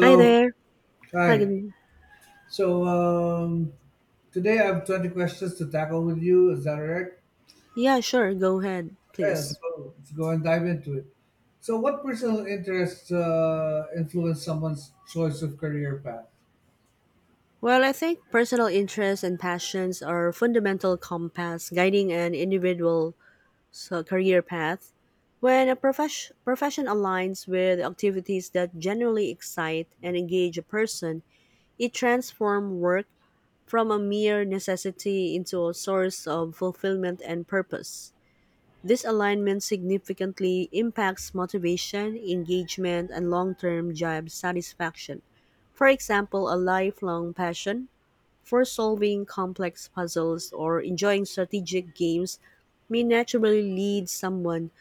Hi there. Hi. Hi. Good. So um, Today I have 20 questions to tackle with you. Is that all right? Yeah, sure. Go ahead, Okay, let's please. go. Let's go and dive into it. So, what personal interests influence someone's choice of career path? Well, I think personal interests and passions are fundamental compass guiding an individual's career path. When a profession aligns with activities that generally excite and engage a person, it transforms work from a mere necessity into a source of fulfillment and purpose. This alignment significantly impacts motivation, engagement, and long term job satisfaction. For example, a lifelong passion for solving complex puzzles or enjoying strategic games may naturally lead someone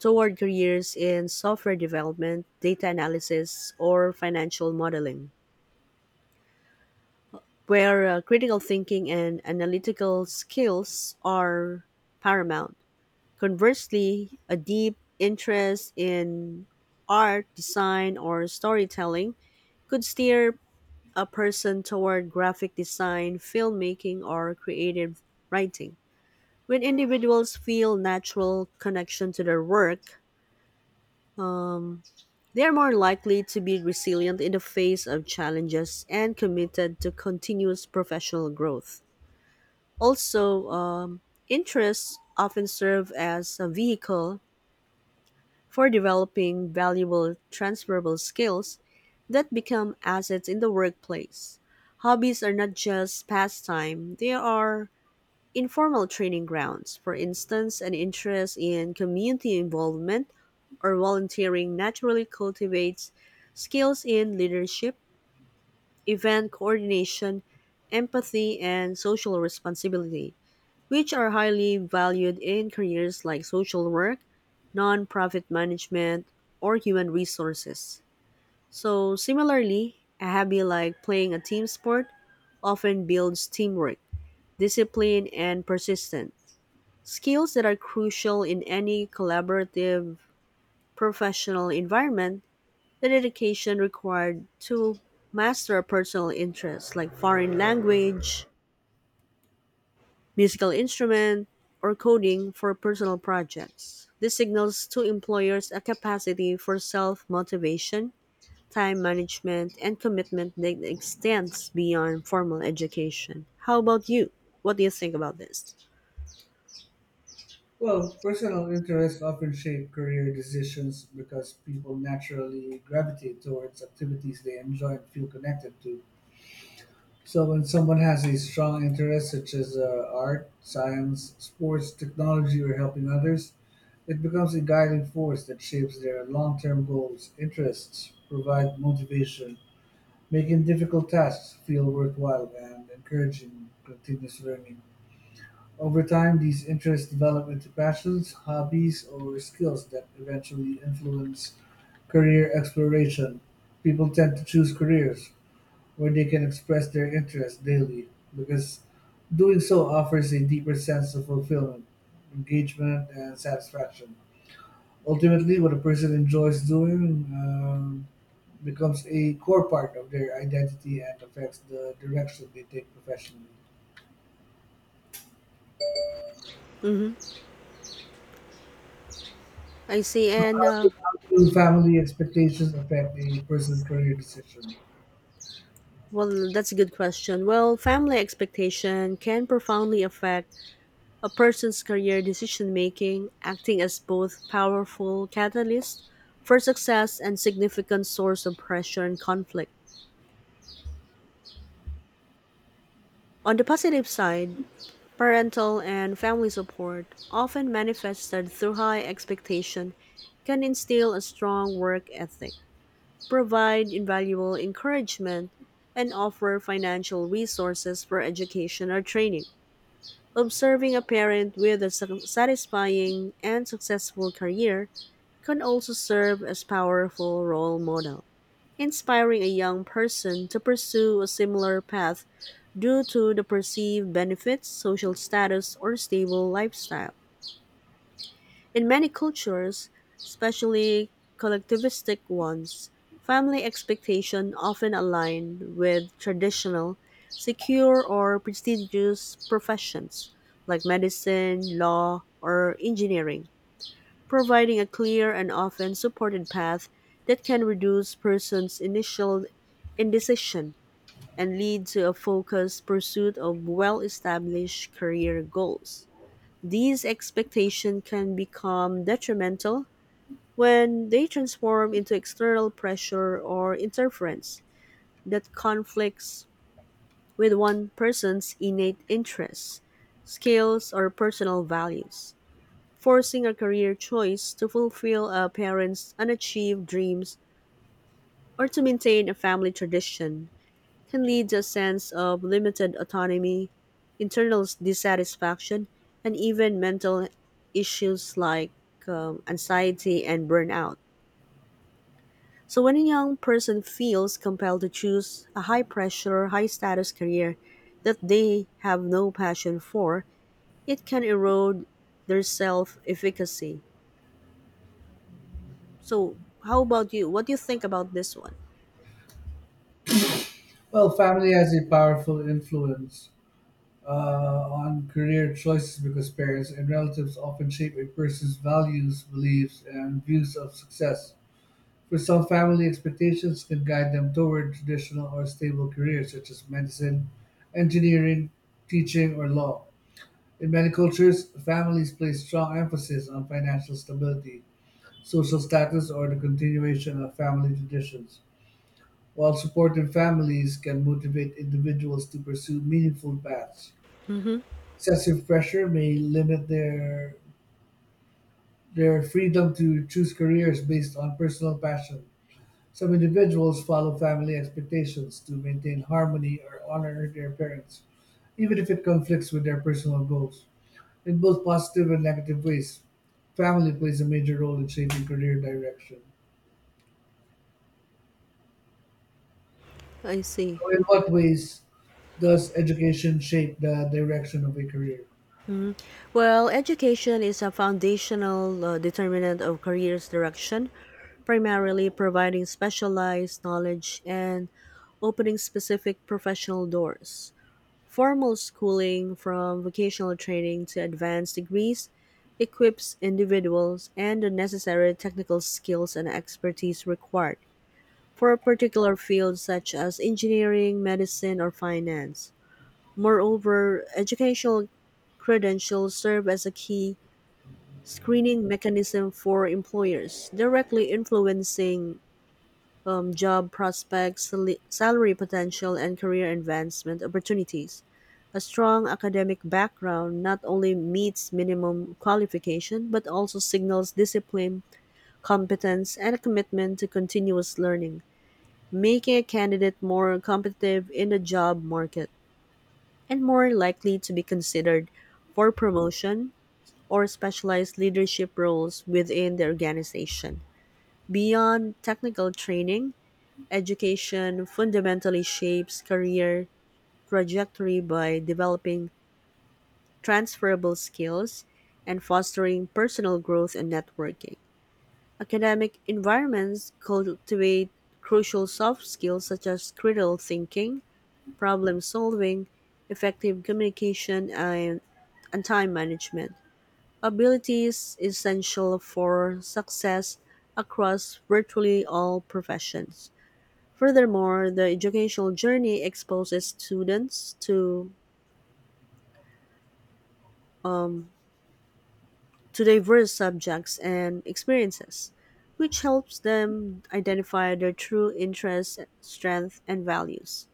toward careers in software development, data analysis, or financial modeling, where critical thinking and analytical skills are paramount. Conversely, a deep interest in art, design, or storytelling could steer a person toward graphic design, filmmaking, or creative writing. When individuals feel natural connection to their work, um, they are more likely to be resilient in the face of challenges and committed to continuous professional growth. Also, interests often serve as a vehicle for developing valuable transferable skills that become assets in the workplace. Hobbies are not just pastime, they are informal training grounds. For instance, an interest in community involvement or volunteering naturally cultivates skills in leadership, event coordination, empathy, and social responsibility which are highly valued in careers like social work, nonprofit management, or human resources. So, similarly, a hobby like playing a team sport often builds teamwork, discipline, and persistence, skills that are crucial in any collaborative professional environment. The dedication required to master a personal interest like foreign language, musical instrument, or coding for personal projects. This signals to employers a capacity for self motivation, time management, and commitment that extends beyond formal education. How about you? What do you think about this? Well, personal interests often shape career decisions because people naturally gravitate towards activities they enjoy and feel connected to. So, when someone has a strong interest, such as art, science, sports, technology, or helping others, it becomes a guiding force that shapes their long-term goals, interests, provide motivation, making difficult tasks feel worthwhile and encouraging continuous learning. Over time, these interests develop into passions, hobbies, or skills that eventually influence career exploration. People tend to choose careers where they can express their interests daily because doing so offers a deeper sense of fulfillment, engagement, and satisfaction. Ultimately, what a person enjoys doing becomes a core part of their identity and affects the direction they take professionally. Mm-hmm. I see. So, And how do, how do family expectations affect a person's career decision? Well, that's a good question. Well, family expectation can profoundly affect a person's career decision-making, acting as both powerful catalyst for success and significant source of pressure and conflict. On the positive side, parental and family support, often manifested through high expectation, can instill a strong work ethic, provide invaluable encouragement, and offer financial resources for education or training. Observing a parent with a satisfying and successful career can also serve as powerful role model, inspiring a young person to pursue a similar path due to the perceived benefits, social status, or stable lifestyle. In many cultures, especially collectivistic ones, family expectations often align with traditional, secure, or prestigious professions like medicine, law, or engineering, providing a clear and often supported path that can reduce person's initial indecision and lead to a focused pursuit of well established career goals. These expectations can become detrimental when they transform into external pressure or interference that conflicts with one person's innate interests, skills, or personal values, forcing a career choice to fulfill a parent's unachieved dreams or to maintain a family tradition. Can lead to a sense of limited autonomy, dissatisfaction, and even mental issues like anxiety and burnout. So, when a young person feels compelled to choose a high pressure, high status career that they have no passion for, it can erode their self efficacy. So, how about you? What do you think about this one? Well, family has a powerful influence uh, on career choices because parents and relatives often shape a person's values, beliefs, and views of success. For some, family expectations can guide them toward traditional or stable careers such as medicine, engineering, teaching, or law. In many cultures, families place strong emphasis on financial stability, social status, or the continuation of family traditions, while supportive families can motivate individuals to pursue meaningful paths. Mm-hmm. Excessive pressure may limit their freedom to choose careers based on personal passion. Some individuals follow family expectations to maintain harmony or honor their parents, even if it conflicts with their personal goals. In both positive and negative ways, family plays a major role in shaping career direction. I see. So in what ways does education shape the direction of a career? Well, education is a foundational determinant of career's direction, primarily providing specialized knowledge and opening specific professional doors. Formal schooling, from vocational training to advanced degrees, equips individuals and the necessary technical skills and expertise required for a particular field such as engineering, medicine, or finance. Moreover, educational credentials serve as a key screening mechanism for employers, directly influencing job prospects, salary potential, and career advancement opportunities. A strong academic background not only meets minimum qualification but also signals discipline, competence, and a commitment to continuous learning, making a candidate more competitive in the job market and more likely to be considered for promotion or specialized leadership roles within the organization. Beyond technical training, education fundamentally shapes career trajectory by developing transferable skills and fostering personal growth and networking. Academic environments cultivate crucial soft skills such as critical thinking, problem solving, effective communication, and time management. Ability is essential for success across virtually all professions. Furthermore, the educational journey exposes students um, to diverse subjects and experiences, which helps them identify their true interests, strengths, and values,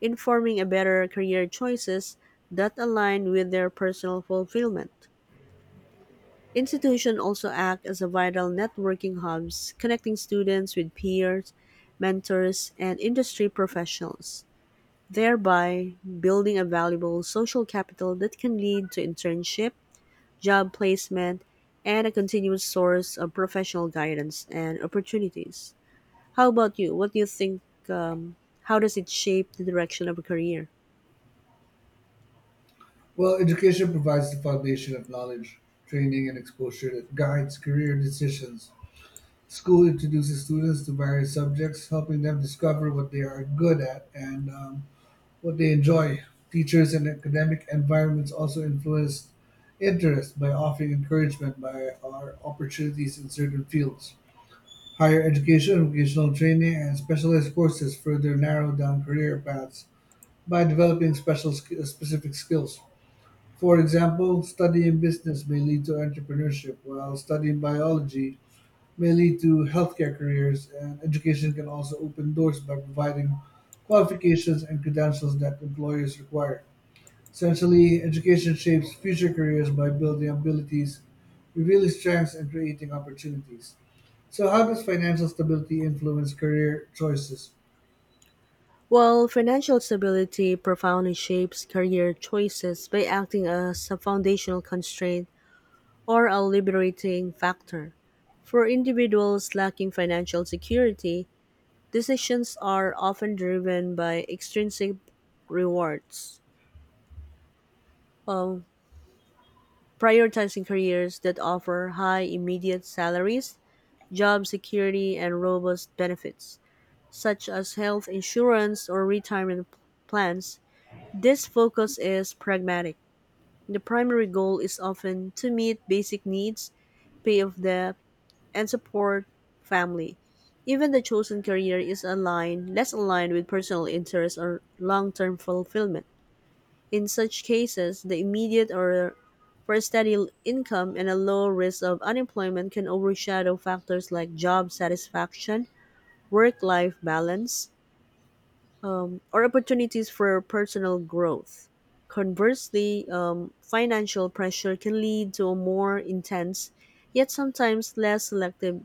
informing a better career choices that align with their personal fulfillment. Institutions also act as a vital networking hubs, connecting students with peers, mentors, and industry professionals, thereby building a valuable social capital that can lead to internship, job placement, and a continuous source of professional guidance and opportunities. How about you? What do you think? Um, how does it shape the direction of a career? Well, education provides the foundation of knowledge, training, and exposure that guides career decisions. School introduces students to various subjects, helping them discover what they are good at and what they enjoy. Teachers and academic environments also influence interest by offering encouragement by our opportunities in certain fields. Higher education, vocational training, and specialized courses further narrow down career paths by developing specific skills. For example, studying business may lead to entrepreneurship, while studying biology may lead to healthcare careers, and education can also open doors by providing qualifications and credentials that employers require. Essentially, education shapes future careers by building abilities, revealing strengths, and creating opportunities. So, how does financial stability influence career choices? Well, financial stability profoundly shapes career choices by acting as a foundational constraint or a liberating factor. For individuals lacking financial security, decisions are often driven by extrinsic rewards. Um, Prioritizing careers that offer high immediate salaries, job security, and robust benefits, such as health insurance or retirement plans. This focus is pragmatic. The primary goal is often to meet basic needs, pay off debt, and support family. Even the chosen career is aligned, less aligned with personal interests or long-term fulfillment. In such cases, the immediate or for a steady income and a low risk of unemployment can overshadow factors like job satisfaction, work-life balance, or opportunities for personal growth. Conversely, financial pressure can lead to a more intense, yet sometimes less selective,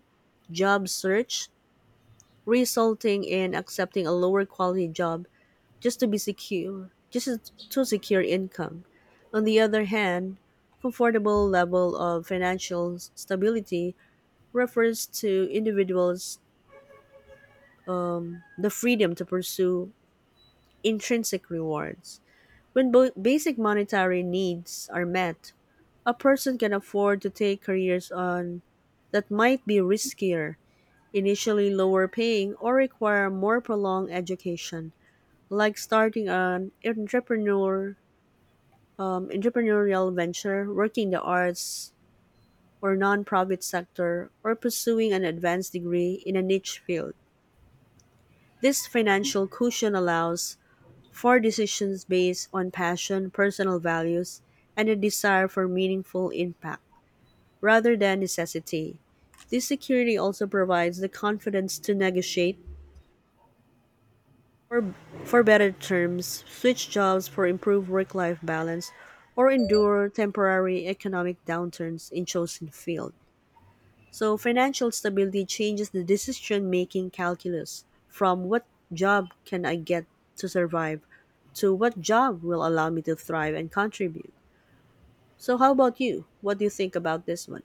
job search, resulting in accepting a lower quality job just to be secure, just to secure income. On the other hand, comfortable level of financial stability refers to individuals the freedom to pursue intrinsic rewards. When basic monetary needs are met, a person can afford to take careers on that might be riskier, initially lower paying, or require more prolonged education, like starting an entrepreneurial venture, working in the arts or nonprofit sector, or pursuing an advanced degree in a niche field. This financial cushion allows for decisions based on passion, personal values, and a desire for meaningful impact rather than necessity. This security also provides the confidence to negotiate for, for better terms, switch jobs for improved work life balance, or endure temporary economic downturns in chosen field. So, financial stability changes the decision making calculus from what job can I get to survive to what job will allow me to thrive and contribute. So, how about you? What do you think about this one?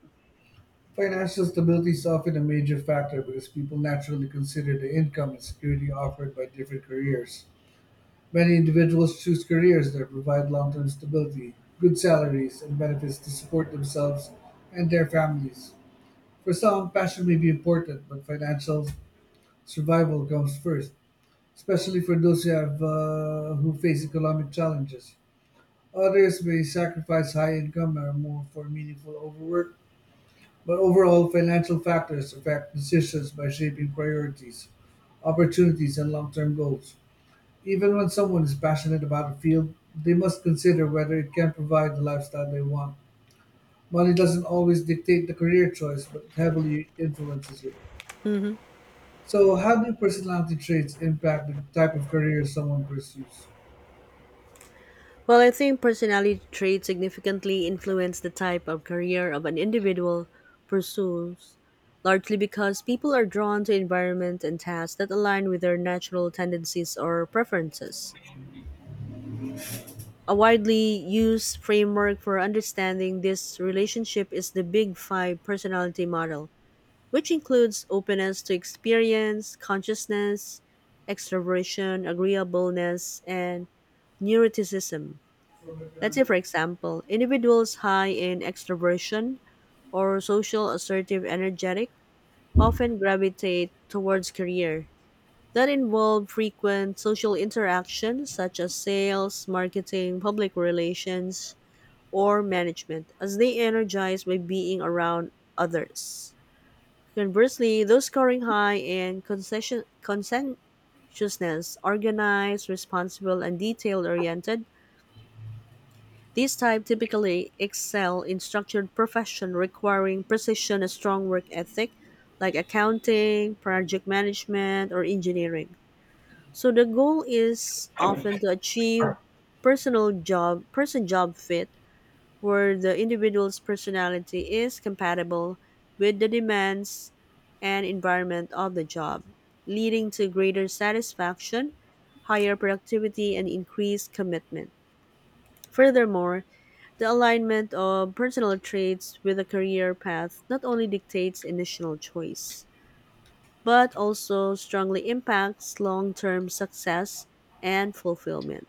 Financial stability is often a major factor because people naturally consider the income and security offered by different careers. Many individuals choose careers that provide long term stability, good salaries, and benefits to support themselves and their families. For some, passion may be important, but financial survival comes first, especially for those who face economic challenges. Others may sacrifice high income or more for meaningful overwork, but overall, financial factors affect decisions by shaping priorities, opportunities, and long-term goals. Even when someone is passionate about a field, they must consider whether it can provide the lifestyle they want. Money doesn't always dictate the career choice, but it heavily influences it. So, how do personality traits impact the type of career someone pursues? Well, I think personality traits significantly influence the type of career of an individual pursues, largely because people are drawn to environment and tasks that align with their natural tendencies or preferences. A widely used framework for understanding this relationship is the Big Five personality model, which includes openness to experience, consciousness, extroversion, agreeableness, and neuroticism. Let's say, for example, individuals high in extroversion or social assertive energetic often gravitate towards career that involve frequent social interaction such as sales, marketing, public relations, or management, as they energize by being around others. Conversely, those scoring high in conscientiousness, organized, responsible, and detail oriented, these types typically excel in structured profession requiring precision and strong work ethic, like accounting, project management, or engineering. So the goal is often to achieve personal job person job fit where the individual's personality is compatible with the demands and environment of the job, leading to greater satisfaction, higher productivity, and increased commitment. Furthermore, the alignment of personal traits with a career path not only dictates initial choice, but also strongly impacts long term success and fulfillment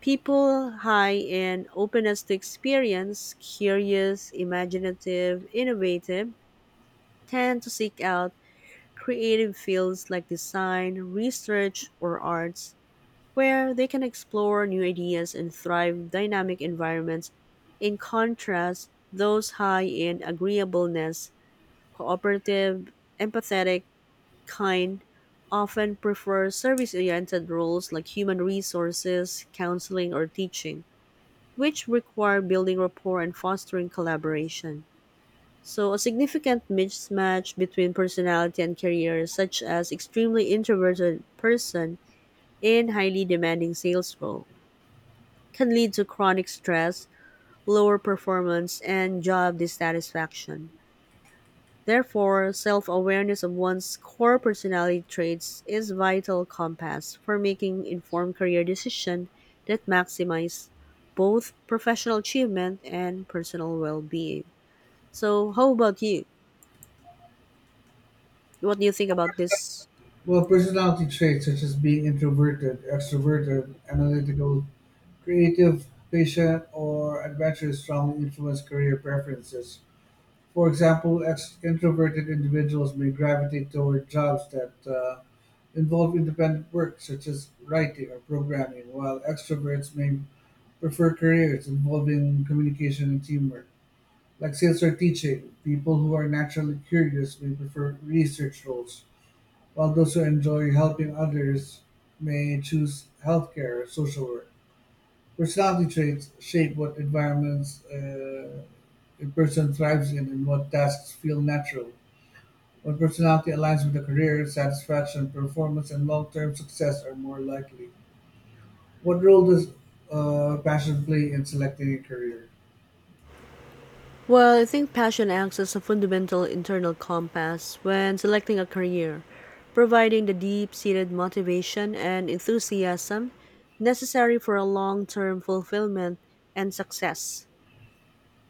people high in openness to experience, curious, imaginative, innovative, tend to seek out creative fields like design, research, or arts, where they can explore new ideas and thrive in dynamic environments. In contrast, those high in agreeableness, cooperative, empathetic, kind, often prefer service oriented roles like human resources, counseling, or teaching which require building rapport and fostering collaboration. So, a significant mismatch between personality and career, such as extremely introverted person in highly demanding sales role, can lead to chronic stress, lower performance, and job dissatisfaction. Therefore, self-awareness of one's core personality traits is vital compass for making informed career decisions that maximize both professional achievement and personal well-being. So, how about you? What do you think about this? Well, personality traits such as being introverted, extroverted, analytical, creative, patient, or adventurous strongly influence career preferences. For example, introverted individuals may gravitate toward jobs that involve independent work, such as writing or programming, while extroverts may prefer careers involving communication and teamwork, like sales or teaching. People who are naturally curious may prefer research roles while those who enjoy helping others may choose healthcare or social work. Personality traits shape what environments a person thrives in and what tasks feel natural. When personality aligns with a career, satisfaction, performance, and long term success are more likely. What role does passion play in selecting a career? Well, I think passion acts as a fundamental internal compass when selecting a career, providing the deep-seated motivation and enthusiasm necessary for a long-term fulfillment and success.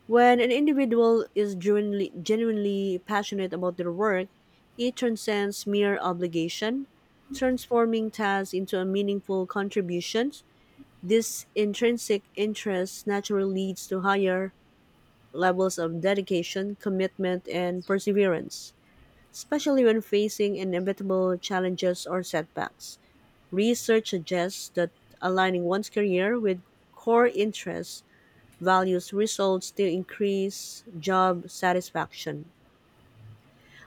When an individual is genuinely passionate about their work, it transcends mere obligation, transforming tasks into a meaningful contributions. This intrinsic interest naturally leads to higher levels of dedication, commitment, and perseverance, especially when facing inevitable challenges or setbacks. Research suggests that aligning one's career with core interests values results to increase job satisfaction,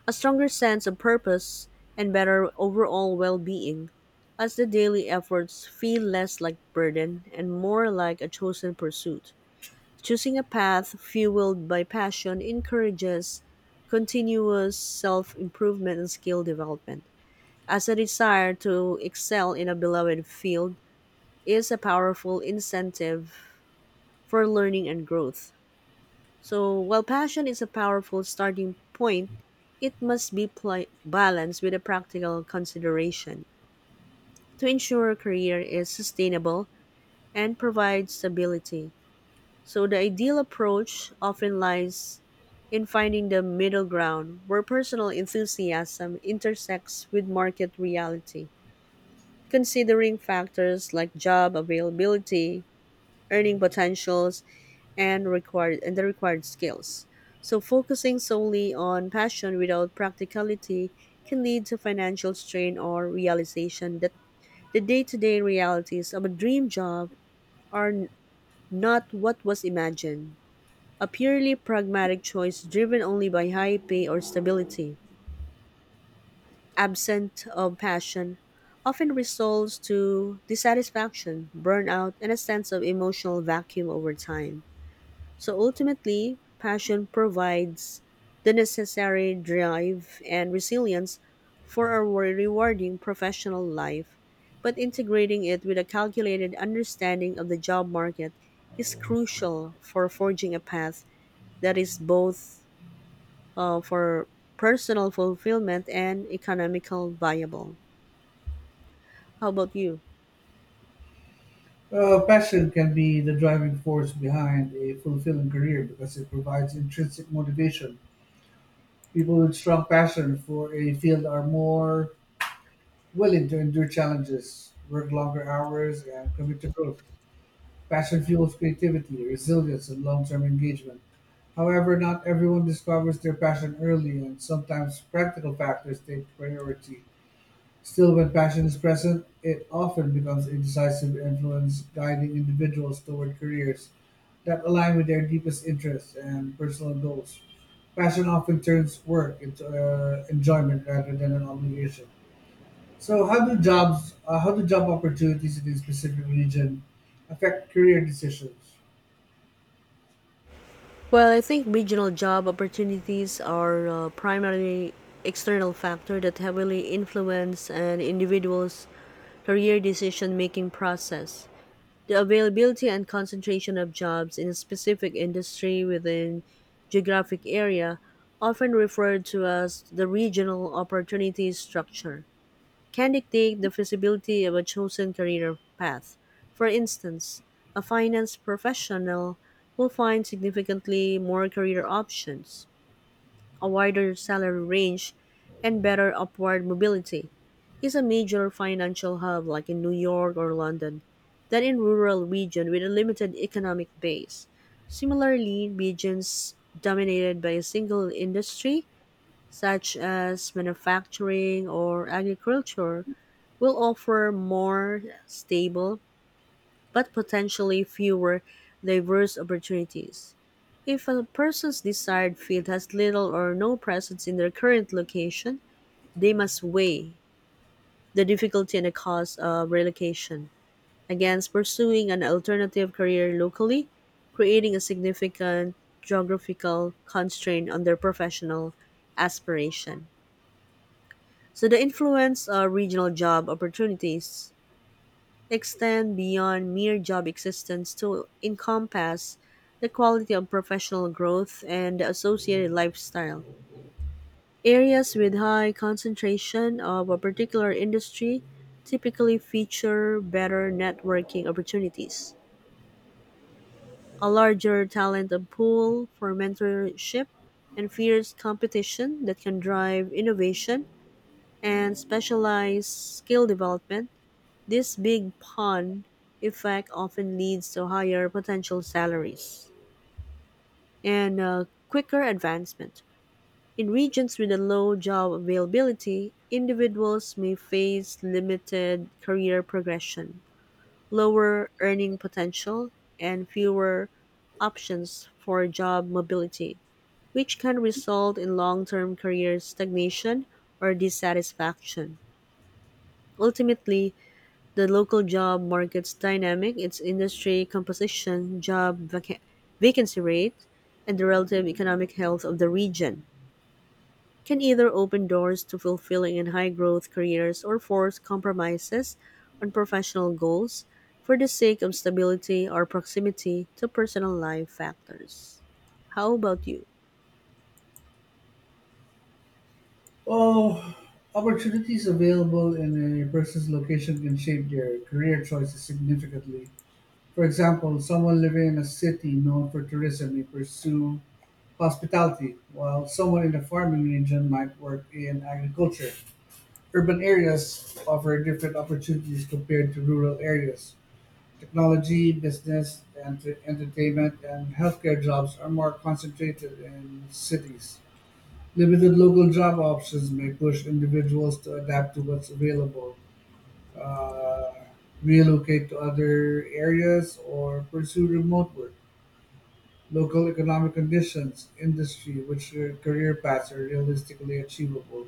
a stronger sense of purpose, and better overall well being, as the daily efforts feel less like burden and more like a chosen pursuit. Choosing a path fueled by passion encourages continuous self improvement and skill development, as a desire to excel in a beloved field is a powerful incentive for learning and growth. So, while passion is a powerful starting point, it must be balanced with a practical consideration to ensure career is sustainable and provides stability. So, the ideal approach often lies in finding the middle ground where personal enthusiasm intersects with market reality, considering factors like job availability, earning potentials, and required and the required skills. So focusing solely on passion without practicality can lead to financial strain or realization that the day-to-day realities of a dream job are not what was imagined. A purely pragmatic choice driven only by high pay or stability, absent of passion, often results to dissatisfaction, burnout, and a sense of emotional vacuum over time. So ultimately, passion provides the necessary drive and resilience for a rewarding professional life, but integrating it with a calculated understanding of the job market is crucial for forging a path that is both for personal fulfillment and economical viable. How about you? Passion can be the driving force behind a fulfilling career because it provides intrinsic motivation. People with strong passion for a field are more willing to endure challenges, work longer hours, and commit to growth. Passion fuels creativity, resilience, and long term engagement. However, not everyone discovers their passion early, and sometimes practical factors take priority. Still, when passion is present, it often becomes a decisive influence, guiding individuals toward careers that align with their deepest interests and personal goals. Passion often turns work into enjoyment rather than an obligation. So, how do job opportunities in a specific region affect career decisions? Well, I think regional job opportunities are primarily external factor that heavily influence an individual's career decision-making process. The availability and concentration of jobs in a specific industry within geographic area, often referred to as the regional opportunity structure can dictate the feasibility of a chosen career path. For instance, a finance professional will find significantly more career options, a wider salary range, and better upward mobility is a major financial hub like in New York or London than in rural region with a limited economic base. Similarly, regions dominated by a single industry, such as manufacturing or agriculture, will offer more stable but potentially fewer diverse opportunities. If a person's desired field has little or no presence in their current location, they must weigh the difficulty and the cost of relocation against pursuing an alternative career locally, creating a significant geographical constraint on their professional aspiration. So the influence of regional job opportunities extend beyond mere job existence to encompass the quality of professional growth and the associated lifestyle. Areas with high concentration of a particular industry typically feature better networking opportunities, a larger talent pool for mentorship, and fierce competition that can drive innovation and specialized skill development, this big pond effect often leads to higher potential salaries and quicker advancement. In regions with a low job availability, individuals may face limited career progression, lower earning potential, and fewer options for job mobility, which can result in long term career stagnation or dissatisfaction. Ultimately, the local job market's dynamic, its industry composition, job vacancy rate, and the relative economic health of the region, can either open doors to fulfilling and high growth careers or force compromises on professional goals for the sake of stability or proximity to personal life factors. How about you? Well, opportunities available in a person's location can shape their career choices significantly. For example, someone living in a city known for tourism may pursue hospitality, while someone in a farming region might work in agriculture. Urban areas offer different opportunities compared to rural areas. Technology, business, and entertainment, and healthcare jobs are more concentrated in cities. Limited local job options may push individuals to adapt to what's available, uh, relocate to other areas, or pursue remote work. Local economic conditions, industry, which career paths are realistically achievable.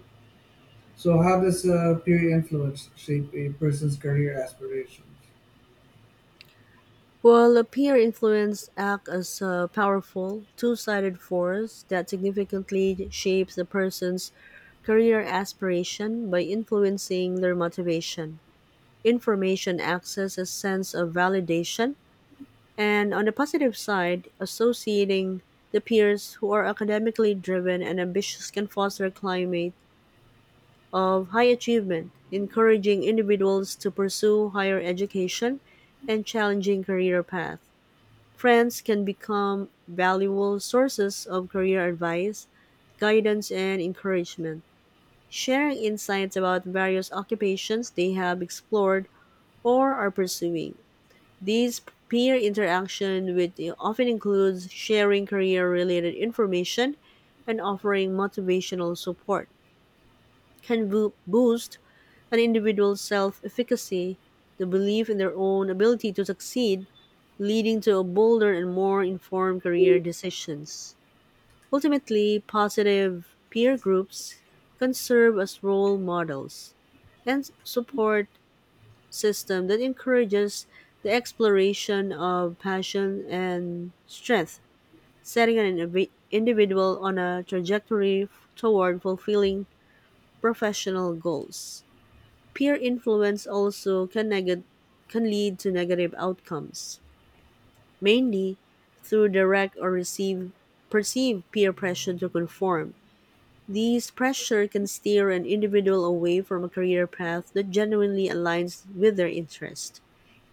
So, how does peer influence shape a person's career aspirations? While peer influence acts as a powerful, two sided force that significantly shapes a person's career aspiration by influencing their motivation, information access, a sense of validation, and on the positive side, associating the peers who are academically driven and ambitious can foster a climate of high achievement, encouraging individuals to pursue higher education and challenging career paths. Friends can become valuable sources of career advice, guidance, and encouragement, sharing insights about various occupations they have explored or are pursuing. These peer interaction with often includes sharing career related information and offering motivational support can boost an individual's self efficacy, the belief in their own ability to succeed, leading to bolder and more informed career decisions. Ultimately, positive peer groups can serve as role models and support system that encourages the exploration of passion and strength, setting an individual on a trajectory toward fulfilling professional goals. Peer influence also can lead to negative outcomes mainly through direct or receive, perceived peer pressure to conform. These pressure can steer an individual away from a career path that genuinely aligns with their interests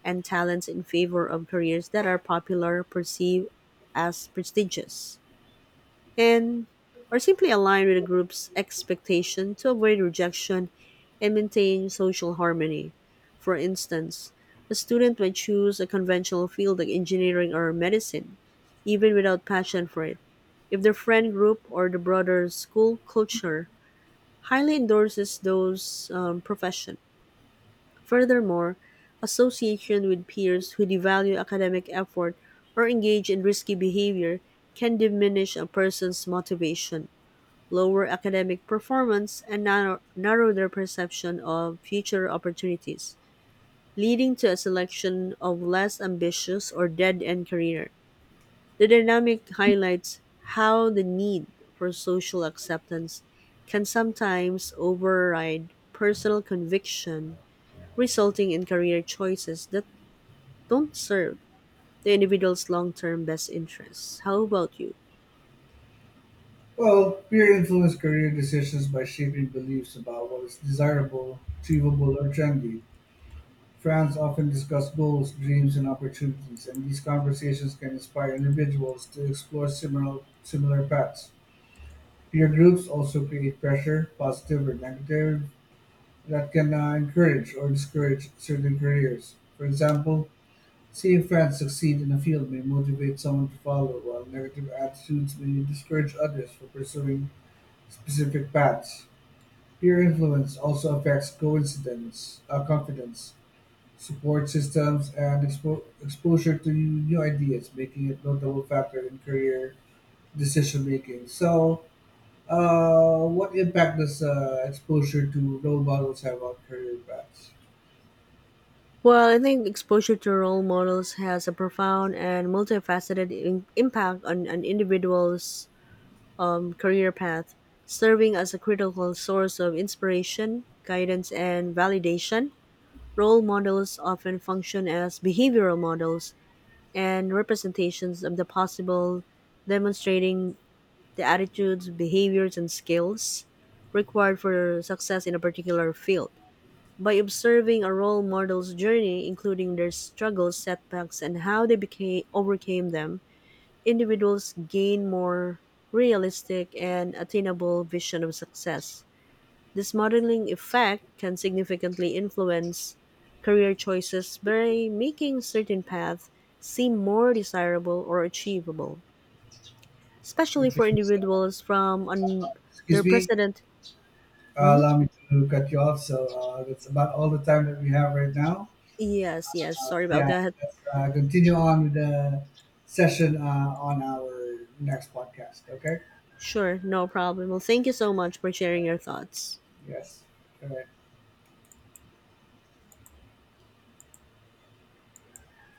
and talents in favor of careers that are popular, perceived as prestigious, and or simply align with a group's expectation to avoid rejection and maintain social harmony. For instance, a student may choose a conventional field like engineering or medicine even without passion for it. If the friend group or the broader school culture highly endorses those profession. Furthermore, association with peers who devalue academic effort or engage in risky behavior can diminish a person's motivation, lower academic performance, and narrow their perception of future opportunities, leading to a selection of less ambitious or dead end career. The dynamic highlights how the need for social acceptance can sometimes override personal conviction, resulting in career choices that don't serve the individual's long term best interests. How about you? Well, peer influence career decisions by shaping beliefs about what is desirable, achievable, or trendy. Friends often discuss goals, dreams, and opportunities, and these conversations can inspire individuals to explore similar paths. Peer groups also create pressure, positive or negative, that can encourage or discourage certain careers. For example, seeing friends succeed in a field may motivate someone to follow, while negative attitudes may discourage others from pursuing specific paths. Peer influence also affects confidence, support systems, and exposure to new ideas, making it a notable factor in career decision making. So, what impact does exposure to role models have on career paths? Well, I think exposure to role models has a profound and multifaceted impact on an individual's career path, serving as a critical source of inspiration, guidance, and validation. Role models often function as behavioral models and representations of the possible, demonstrating the attitudes, behaviors, and skills required for success in a particular field. By observing a role model's journey, including their struggles, setbacks, and how they became overcame them, individuals gain more realistic and attainable vision of success. This modeling effect can significantly influence career choices by making certain paths seem more desirable or achievable, especially Okay, for so, individuals from excuse me, underrepresented. Hmm? allow me to cut you off. So that's about all the time that we have right now. Yes, yes. Sorry about Yeah, that. let's continue on with the session on our next podcast. Okay. Sure, no problem. Well, thank you so much for sharing your thoughts. Yes. All right.